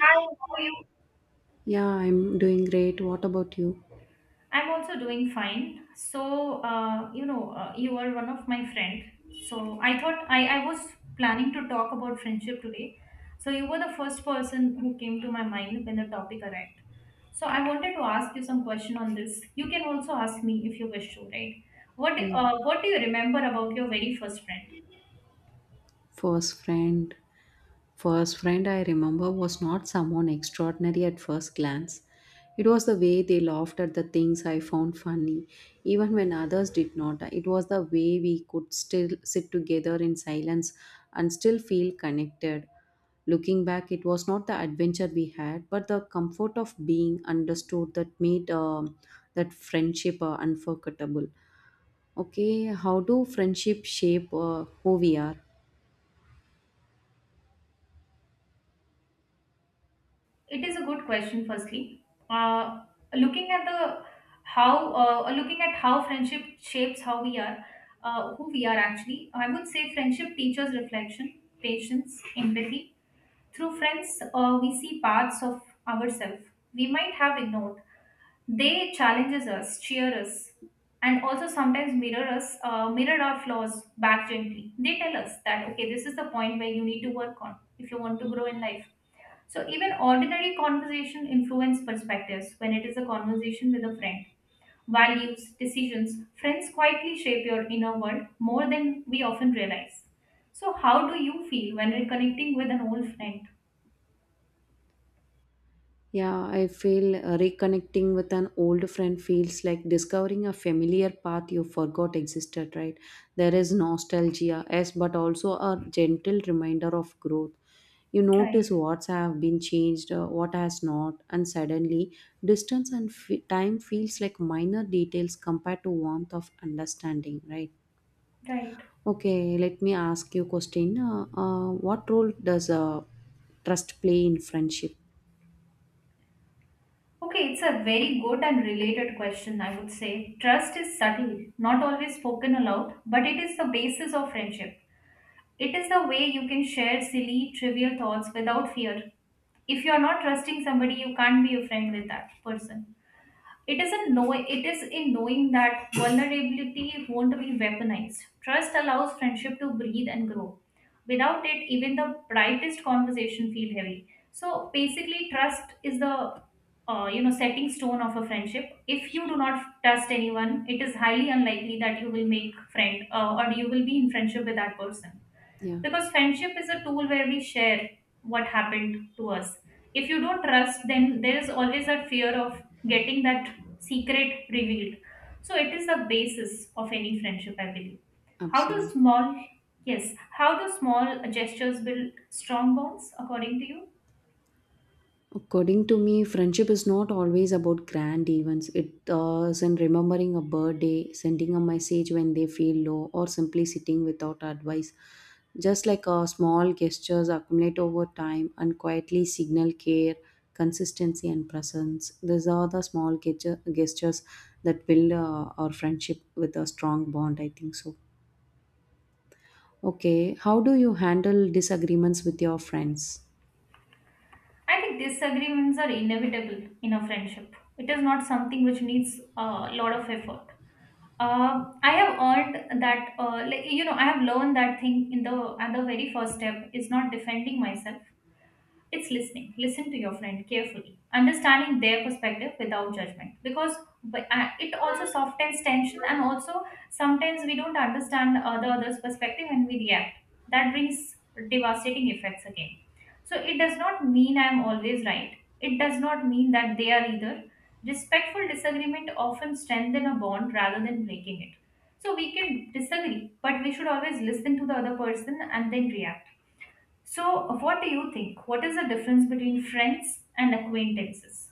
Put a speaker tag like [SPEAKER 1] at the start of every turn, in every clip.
[SPEAKER 1] Hi, how are you?
[SPEAKER 2] Yeah, I'm doing great. What about you?
[SPEAKER 1] I'm also doing fine. So, you are one of my friend. So I thought I was planning to talk about friendship today. So you were the first person who came to my mind when the topic arrived. So I wanted to ask you some question on this. You can also ask me if you wish to, right? What
[SPEAKER 2] Mm.
[SPEAKER 1] uh, What do you remember about your very first friend?
[SPEAKER 2] First friend. First friend I remember was not someone extraordinary at first glance. It was the way they laughed at the things I found funny, even when others did not. It was the way we could still sit together in silence and still feel connected. Looking back, it was not the adventure we had, but the comfort of being understood that friendship unforgettable. Okay, how do friendship shape who we are?
[SPEAKER 1] It is a good question. Firstly, uh, looking at the how looking at how friendship shapes how we are, who we are actually. I would say friendship teaches reflection, patience, empathy. Through friends, we see parts of ourselves we might have ignored. They challenges us, cheer us, and also sometimes mirror us, mirror our flaws back gently. They tell us that okay, this is the point where you need to work on if you want to grow in life, so even ordinary conversation influence perspectives when it is a conversation with a friend. Values, decisions, friends quietly shape your inner world more than we often realize. So how do you feel when reconnecting with an old friend?
[SPEAKER 2] Yeah, I feel reconnecting with an old friend feels like discovering a familiar path you forgot existed, right? There is nostalgia, yes, but also a gentle reminder of growth. You notice
[SPEAKER 1] Right,
[SPEAKER 2] what's have been changed, what has not, and suddenly distance and time feels like minor details compared to warmth of understanding, right?
[SPEAKER 1] right.
[SPEAKER 2] Okay, let me ask you question. What role does trust play in friendship?
[SPEAKER 1] Okay, it's a very good and related question, I would say. Trust is subtle, not always spoken aloud, but it is the basis of friendship. It is the way you can share silly, trivial thoughts without fear. If you're not trusting somebody, you can't be a friend with that person. It is in knowing that vulnerability won't be weaponized. Trust allows friendship to breathe and grow. Without it, even the brightest conversation feel heavy. So basically, trust is the setting stone of a friendship. If you do not trust anyone, it is highly unlikely that you will make friend or you will be in friendship with that person,
[SPEAKER 2] Yeah,
[SPEAKER 1] because friendship is a tool where we share what happened to us. If you don't trust, then there is always that fear of getting that secret revealed, so it is the basis of any friendship, I believe. How do
[SPEAKER 2] absolutely.
[SPEAKER 1] small, yes, how do small gestures build strong bonds according to you?
[SPEAKER 2] According to me, friendship is not always about grand events. It is in remembering a birthday, sending a message when they feel low, or simply sitting without advice. Just like small gestures accumulate over time and quietly signal care, consistency, and presence. These are the gestures that build our friendship with a strong bond, I think so. Okay, how do you handle disagreements with your friends?
[SPEAKER 1] I think disagreements are inevitable in a friendship. It is not something which needs a lot of effort. I have earned that, I have learned that thing in the at the very first step is not defending myself. It's listening. Listen to your friend carefully, understanding their perspective without judgment. Because but, it also softens tension, and also sometimes we don't understand the other's perspective and we react. That brings devastating effects again. So it does not mean I am always right. It does not mean that they are either. Respectful disagreement often strengthen a bond rather than breaking it. So we can disagree, but we should always listen to the other person and then react. So, what do you think? What is the difference between friends and acquaintances?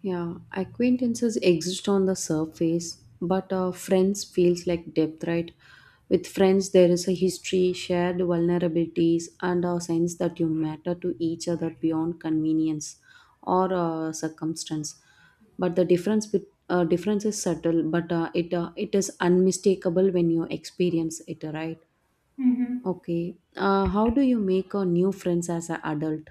[SPEAKER 2] Yeah, acquaintances exist on the surface, but friends feels like depth, right? With friends, there is a history, shared vulnerabilities, and a sense that you matter to each other beyond convenience or circumstance. But the difference is subtle, but it is unmistakable when you experience it, right?
[SPEAKER 1] Mm-hmm.
[SPEAKER 2] Okay. How do you make a new friends as an adult?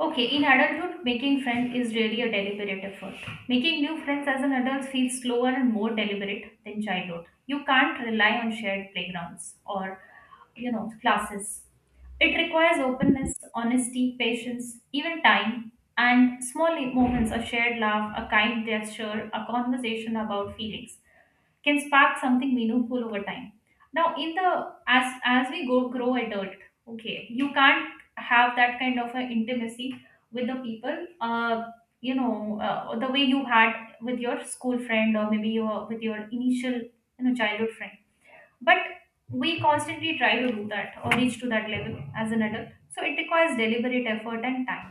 [SPEAKER 1] Okay, in adulthood, making friends is really a deliberate effort. Making new friends as an adult feels slower and more deliberate than childhood. You can't rely on shared playgrounds or, you know, classes. It requires openness, honesty, patience, even time, and small moments of shared laugh, a kind gesture, a conversation about feelings, can spark something meaningful over time. Now in the, as we go grow adult, okay, you can't have that kind of a intimacy with the people the way you had with your school friend, or maybe your with your initial, you know, childhood friend, but we constantly try to do that or reach to that level as an adult, so it requires deliberate effort and time.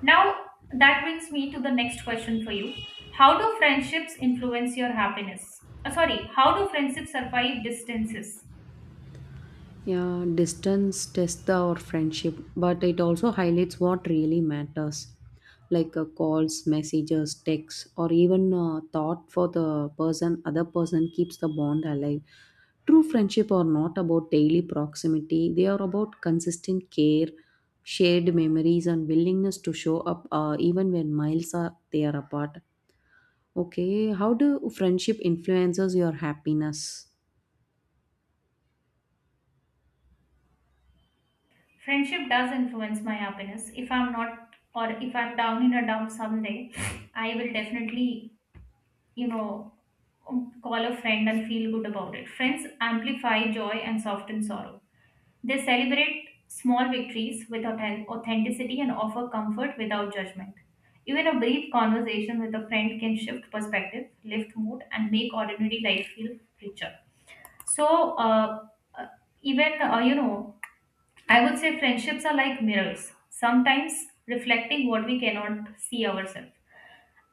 [SPEAKER 1] Now, that brings me to the next question for you. How do friendships influence your happiness? Sorry, how do friendships survive distances?
[SPEAKER 2] Yeah, distance tests our friendship, but it also highlights what really matters, like calls, messages, texts, or even thought for the person. Other person keeps the bond alive. True friendship are not about daily proximity; they are about consistent care, shared memories, and willingness to show up even when miles are they are apart. Okay, how do friendship influences your happiness?
[SPEAKER 1] Friendship does influence my happiness. If I'm not, or if I'm down in a dump someday, I will definitely, you know, call a friend and feel good about it. Friends amplify joy and soften sorrow. They celebrate small victories with authenticity and offer comfort without judgment. Even a brief conversation with a friend can shift perspective, lift mood, and make ordinary life feel richer. So, uh, even, you know, I would say friendships are like mirrors, sometimes reflecting what we cannot see ourselves.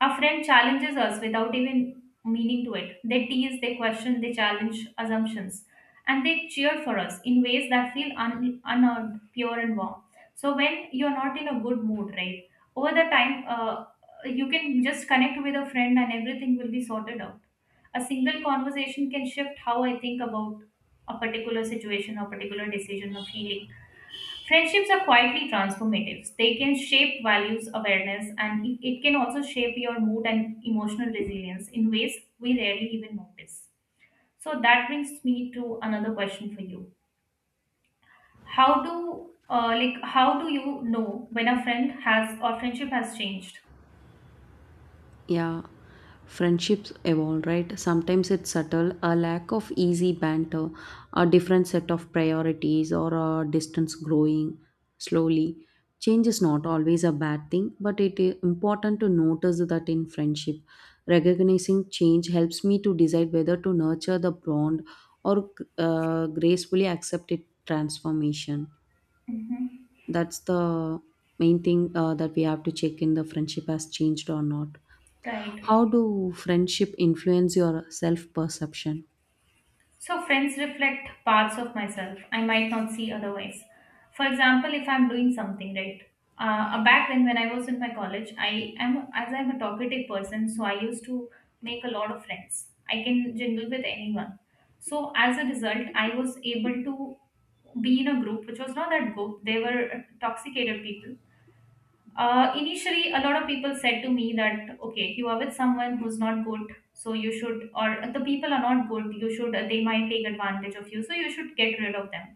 [SPEAKER 1] A friend challenges us without even meaning to it. They tease, they question, they challenge assumptions, and they cheer for us in ways that feel unearned, pure, and warm. So when you're not in a good mood, right? Over the time, you can just connect with a friend, and everything will be sorted out. A single conversation can shift how I think about a particular situation, a particular decision, a feeling. Friendships are quietly transformative. They can shape values, awareness, and it can also shape your mood and emotional resilience in ways we rarely even notice. So that brings me to another question for you. How do you know when a friend has or friendship has changed?
[SPEAKER 2] Yeah, friendships evolve, right? Sometimes it's subtle, a lack of easy banter, a different set of priorities, or a distance growing slowly. Change is not always a bad thing, but it is important to notice that in friendship. Recognizing change helps me to decide whether to nurture the bond or gracefully accept its transformation.
[SPEAKER 1] Hmm.
[SPEAKER 2] That's the main thing that we have to check in the friendship has changed or not.
[SPEAKER 1] Right.
[SPEAKER 2] How do friendship influence your self perception?
[SPEAKER 1] So, friends reflect parts of myself I might not see otherwise. For example, if I'm doing something, right? Back then, when I was in my college, I am as I'm a talkative person, so I used to make a lot of friends. I can jingle with anyone. So, as a result, I was able to be in a group which was not that good. They were intoxicated people. Initially, a lot of people said to me that, okay, you are with someone who's not good, so you should, or the people are not good, you should, they might take advantage of you, so you should get rid of them.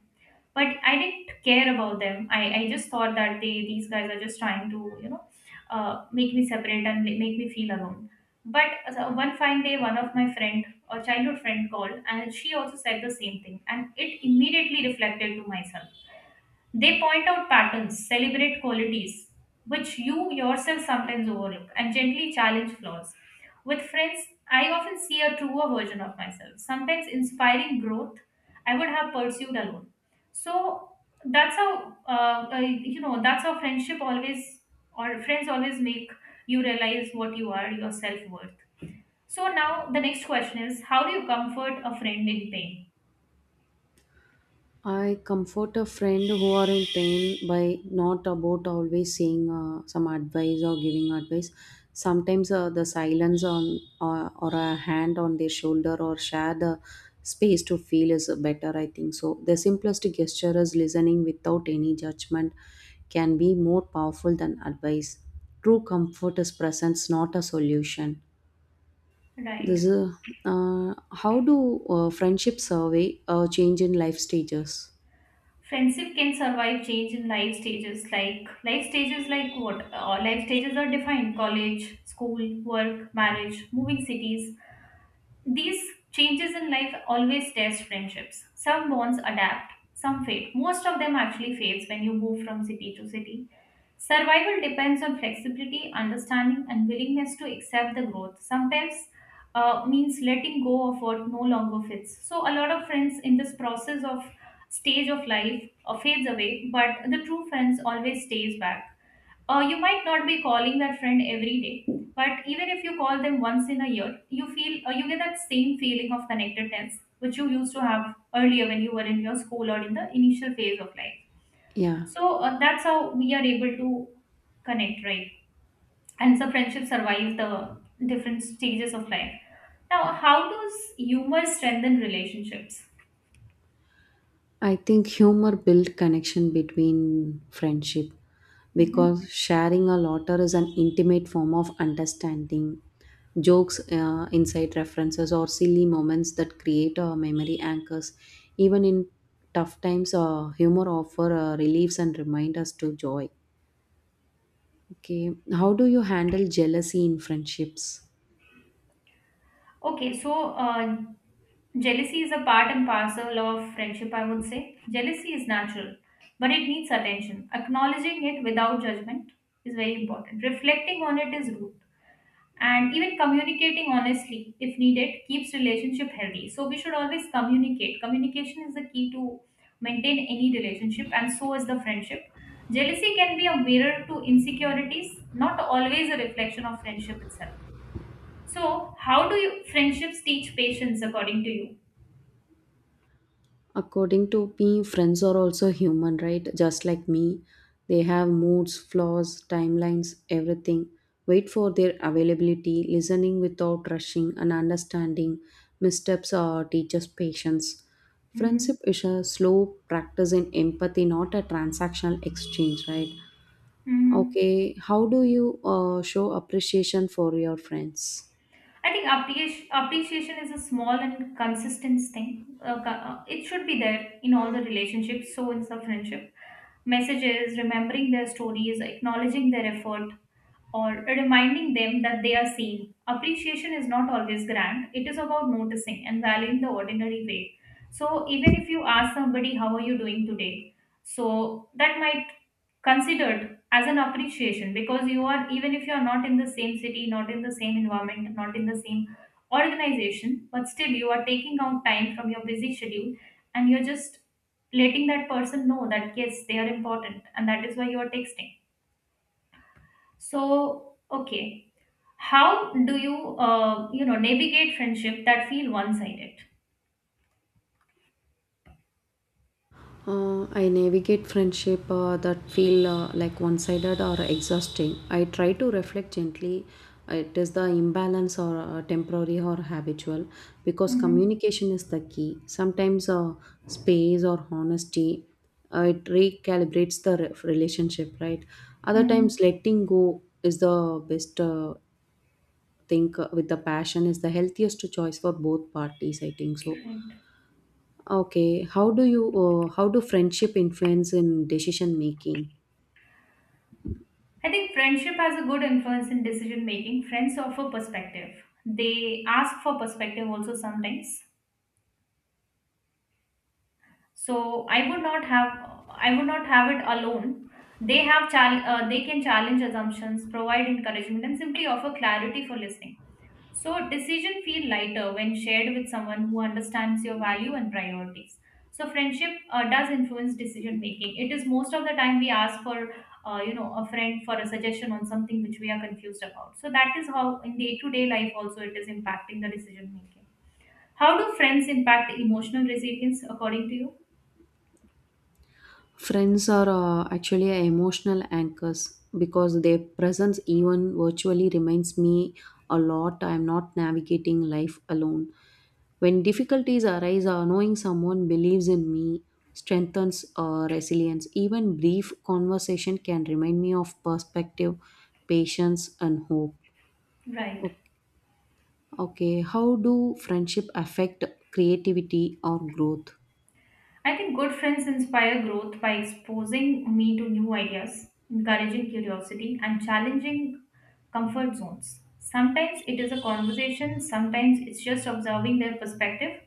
[SPEAKER 1] But I didn't care about them. I just thought that they, these guys are just trying to, you know, make me separate and make me feel alone. But so one fine day, one of my friend, a childhood friend called, and she also said the same thing. And it immediately reflected to myself. They point out patterns, celebrate qualities which you yourself sometimes overlook, and gently challenge flaws. With friends, I often see a truer version of myself, sometimes inspiring growth I would have pursued alone. So that's how that's how friendship always or friends always make you realize what you are, your self worth. So now the next question is, how do you comfort a friend in pain?
[SPEAKER 2] I comfort a friend who are in pain by not about always saying some advice or giving advice. Sometimes the silence on or a hand on their shoulder or share the space to feel is better. I think so. The simplest gesture is listening without any judgment can be more powerful than advice. True comfort is presence, not a solution. This
[SPEAKER 1] Right.
[SPEAKER 2] is how do friendship survey change in life stages?
[SPEAKER 1] Friendship can survive change in life stages, like life stages like what? Life stages are defined college, school, work, marriage, moving cities. These changes in life always test friendships. Some bonds adapt, some fade. Most of them actually fades when you move from city to city. Survival depends on flexibility, understanding, and willingness to accept the growth. Sometimes means letting go of what no longer fits. So a lot of friends in this process of stage of life fades away, but the true friends always stays back. You might not be calling that friend every day, but even if you call them once in a year, you feel, you get that same feeling of connectedness which you used to have earlier when you were in your school or in the initial phase of life.
[SPEAKER 2] Yeah,
[SPEAKER 1] So that's how we are able to connect, right? And so friendship survives the different stages of life. Now, how does humor strengthen relationships?
[SPEAKER 2] I think humor build connection between friendship
[SPEAKER 1] Mhm.
[SPEAKER 2] because sharing a laughter is an intimate form of understanding. Jokes, inside references, or silly moments that create memory anchors. Even in tough times, humor offer reliefs and remind us to joy. Okay, how do you handle jealousy in friendships?
[SPEAKER 1] Okay, so jealousy is a part and parcel of friendship, I would say. Jealousy is natural, but it needs attention. Acknowledging it without judgment is very important. Reflecting on it is root. And even communicating honestly, if needed, keeps relationship healthy. So we should always communicate. Communication is the key to maintain any relationship, and so is the friendship. Jealousy can be a mirror to insecurities, not always a reflection of friendship itself. So, how do you friendships teach patience according to you?
[SPEAKER 2] According to me, friends are also human, right? Just like me. They have moods, flaws, timelines, everything. Wait for their availability, listening without rushing, and understanding. Missteps are teachers' patience.
[SPEAKER 1] Hmm.
[SPEAKER 2] Friendship is a slow practice in empathy, not a transactional exchange, right?
[SPEAKER 1] Hmm.
[SPEAKER 2] Okay, how do you show appreciation for your friends?
[SPEAKER 1] I think appreciation is a small and consistent thing. It should be there in all the relationships, so in the friendship. Messages, remembering their stories, acknowledging their effort, or reminding them that they are seen. Appreciation is not always grand, it is about noticing and valuing the ordinary way. So, even if you ask somebody, how are you doing today? So that might considered as an appreciation, because you are, even if you are not in the same city, not in the same environment, not in the same organization, but still you are taking out time from your busy schedule, and you're just letting that person know that yes, they are important, and that is why you are texting. So okay, how do you, navigate friendship that feel one-sided?
[SPEAKER 2] I navigate friendship that feel like one-sided or exhausting. I try to reflect gently. It is the imbalance or temporary or habitual because
[SPEAKER 1] Mm-hmm.
[SPEAKER 2] communication is the key. Sometimes space or honesty it recalibrates the relationship, right? Other
[SPEAKER 1] Mm-hmm.
[SPEAKER 2] times, letting go is the best thing with the passion is the healthiest choice for both parties. I think so.
[SPEAKER 1] Right.
[SPEAKER 2] Okay, how do friendship influence in decision making?
[SPEAKER 1] I think friendship has a good influence in decision making. Friends offer perspective. They ask for perspective also sometimes. So I would not have it alone. They have they can challenge assumptions, provide encouragement, and simply offer clarity for listening. So decision feel lighter when shared with someone who understands your value and priorities. So friendship does influence decision making. It is most of the time we ask for a friend for a suggestion on something which we are confused about. So that is how in day to day life also it is impacting the decision making. How do friends impact emotional resilience according to you?
[SPEAKER 2] Friends are actually emotional anchors because their presence even virtually reminds me a lot I am not navigating life alone. When difficulties arise, knowing someone believes in me strengthens resilience. Even brief conversation can remind me of perspective, patience and hope.
[SPEAKER 1] Right.
[SPEAKER 2] Okay, how do friendship affect creativity or growth?
[SPEAKER 1] I think good friends inspire growth by exposing me to new ideas, encouraging curiosity, and challenging comfort zones. Sometimes it is a conversation, sometimes it's just observing their perspective.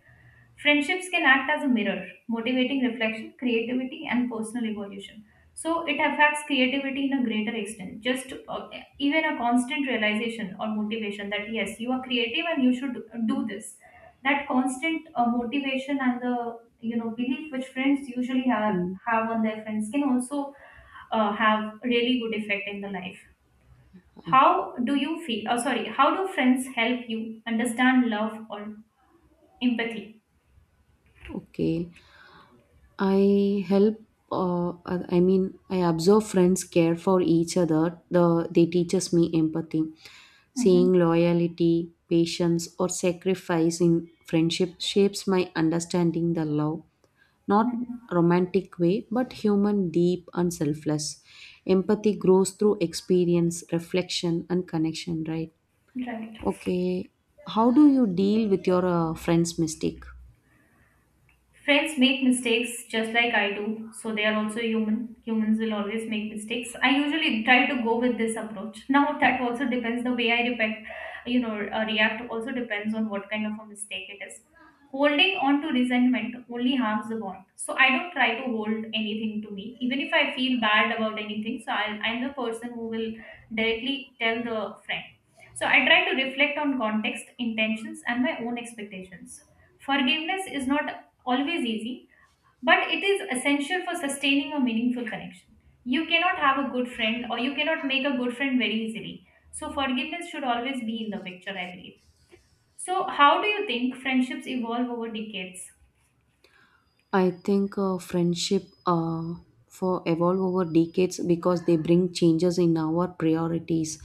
[SPEAKER 1] Friendships can act as a mirror, motivating reflection, creativity, and personal evolution. So it affects creativity in a greater extent. Just even a constant realization or motivation that yes, you are creative and you should do this. That constant motivation and the belief which friends usually have
[SPEAKER 2] Mm.
[SPEAKER 1] have on their friends can also have really good effect in the life.
[SPEAKER 2] Ah,
[SPEAKER 1] How do you feel? Oh, sorry. How do friends help you understand love or empathy?
[SPEAKER 2] okay, I help. I mean, I observe friends care for each other. They teaches me empathy,
[SPEAKER 1] Mm-hmm.
[SPEAKER 2] seeing loyalty, patience, or sacrifice in friendship shapes my understanding the love, not romantic way, but human, deep, and selfless. Empathy grows through experience, reflection, and connection. Right.
[SPEAKER 1] Right.
[SPEAKER 2] Okay, how do you deal with your friend's mistake?
[SPEAKER 1] Friends make mistakes just like I do, so they are also human. Humans will always make mistakes. I usually try to go with this approach. Now that also depends the way I react. You know, react also depends on what kind of a mistake it is. Holding on to resentment only harms the bond. So I don't try to hold anything to me, even if I feel bad about anything. So I'm the person who will directly tell the friend. So I try to reflect on context, intentions, and my own expectations. Forgiveness is not always easy, but it is essential for sustaining a meaningful connection. You cannot have a good friend or you cannot make a good friend very easily. So forgiveness should always be in the picture, I believe. So how do you think friendships evolve over decades?
[SPEAKER 2] I think friendship for evolve over decades because they bring changes in our priorities,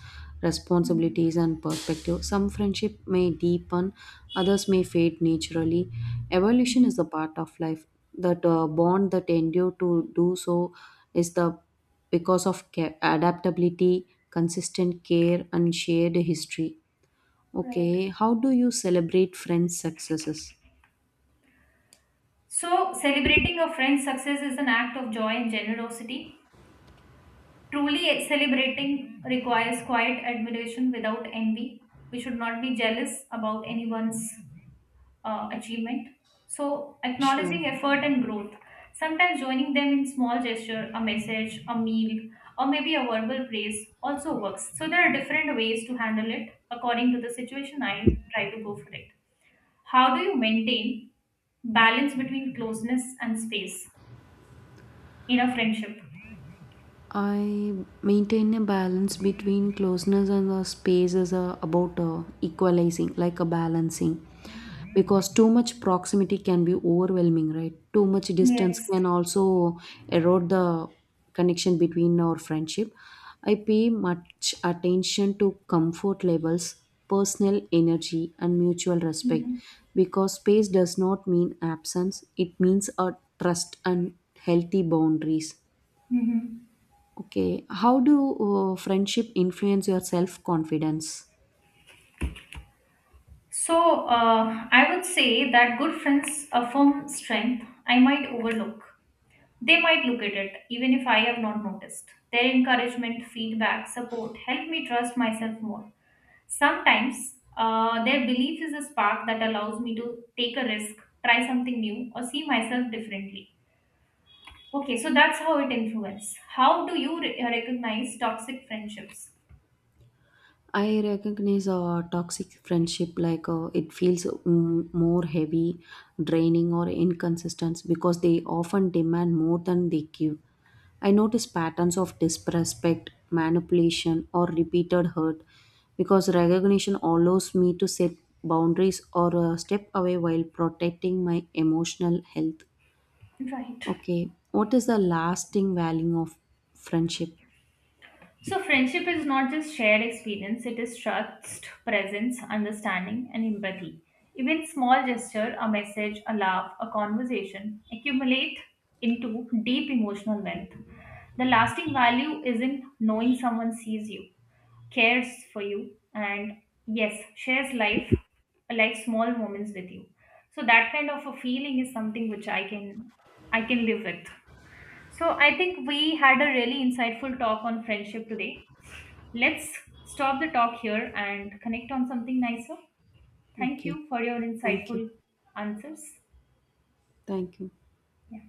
[SPEAKER 1] Mm-hmm.
[SPEAKER 2] responsibilities, and perspective. Some friendship may deepen, others may fade naturally. Evolution is a part of life. That bond that endure to do so is the because of adaptability, consistent care, and shared history.
[SPEAKER 1] Right.
[SPEAKER 2] Okay, how do you celebrate friends' successes?
[SPEAKER 1] So, celebrating a friend's success is an act of joy and generosity. Truly celebrating requires quiet admiration without envy. We should not be jealous about anyone's achievement. So,
[SPEAKER 2] Sure.
[SPEAKER 1] acknowledging effort and growth, sometimes joining them in small gesture, a message, a meal, or maybe a verbal praise also works. So, there are different ways to handle it according to the situation. I try to go for it. How do you maintain balance between closeness and space in a friendship?
[SPEAKER 2] I maintain a balance between closeness and the space is about equalizing, like a balancing. Because too much proximity can be overwhelming, right? Too much distance
[SPEAKER 1] Yes.
[SPEAKER 2] can also erode the connection between our friendship. I pay much attention to comfort levels, personal energy, and mutual respect
[SPEAKER 1] Hmm.
[SPEAKER 2] because space does not mean absence, it means a trust and healthy boundaries. Okay, how do friendship influence your self confidence?
[SPEAKER 1] So, I would say that good friends affirm strength I might overlook. They might look at it, even if I have not noticed. Their encouragement, feedback, support help me trust myself more. Sometimes, their belief is a spark that allows me to take a risk, try something new, or see myself differently. Okay, so that's how it influences. How do you recognize toxic friendships?
[SPEAKER 2] I recognize toxic friendship like it feels more heavy, draining, or inconsistent because they often demand more than they give. I notice patterns of disrespect, manipulation, or repeated hurt because recognition allows me to set boundaries or step away while protecting my emotional health.
[SPEAKER 1] Right.
[SPEAKER 2] Okay. What is the lasting value of friendship?
[SPEAKER 1] So, friendship is not just shared experience, it is trust, presence, understanding, and empathy. Even small gesture, a message, a laugh, a conversation accumulate into deep emotional wealth. The lasting value is in knowing someone sees you, cares for you, and yes, shares life, like small moments with you. So that kind of a feeling is something which I can live with. So I think we had a really insightful talk on friendship today. Let's stop the talk here and connect on something nicer. Thank
[SPEAKER 2] Okay.
[SPEAKER 1] you for your
[SPEAKER 2] Thank you.
[SPEAKER 1] insightful answers.
[SPEAKER 2] Thank you.
[SPEAKER 1] Yeah.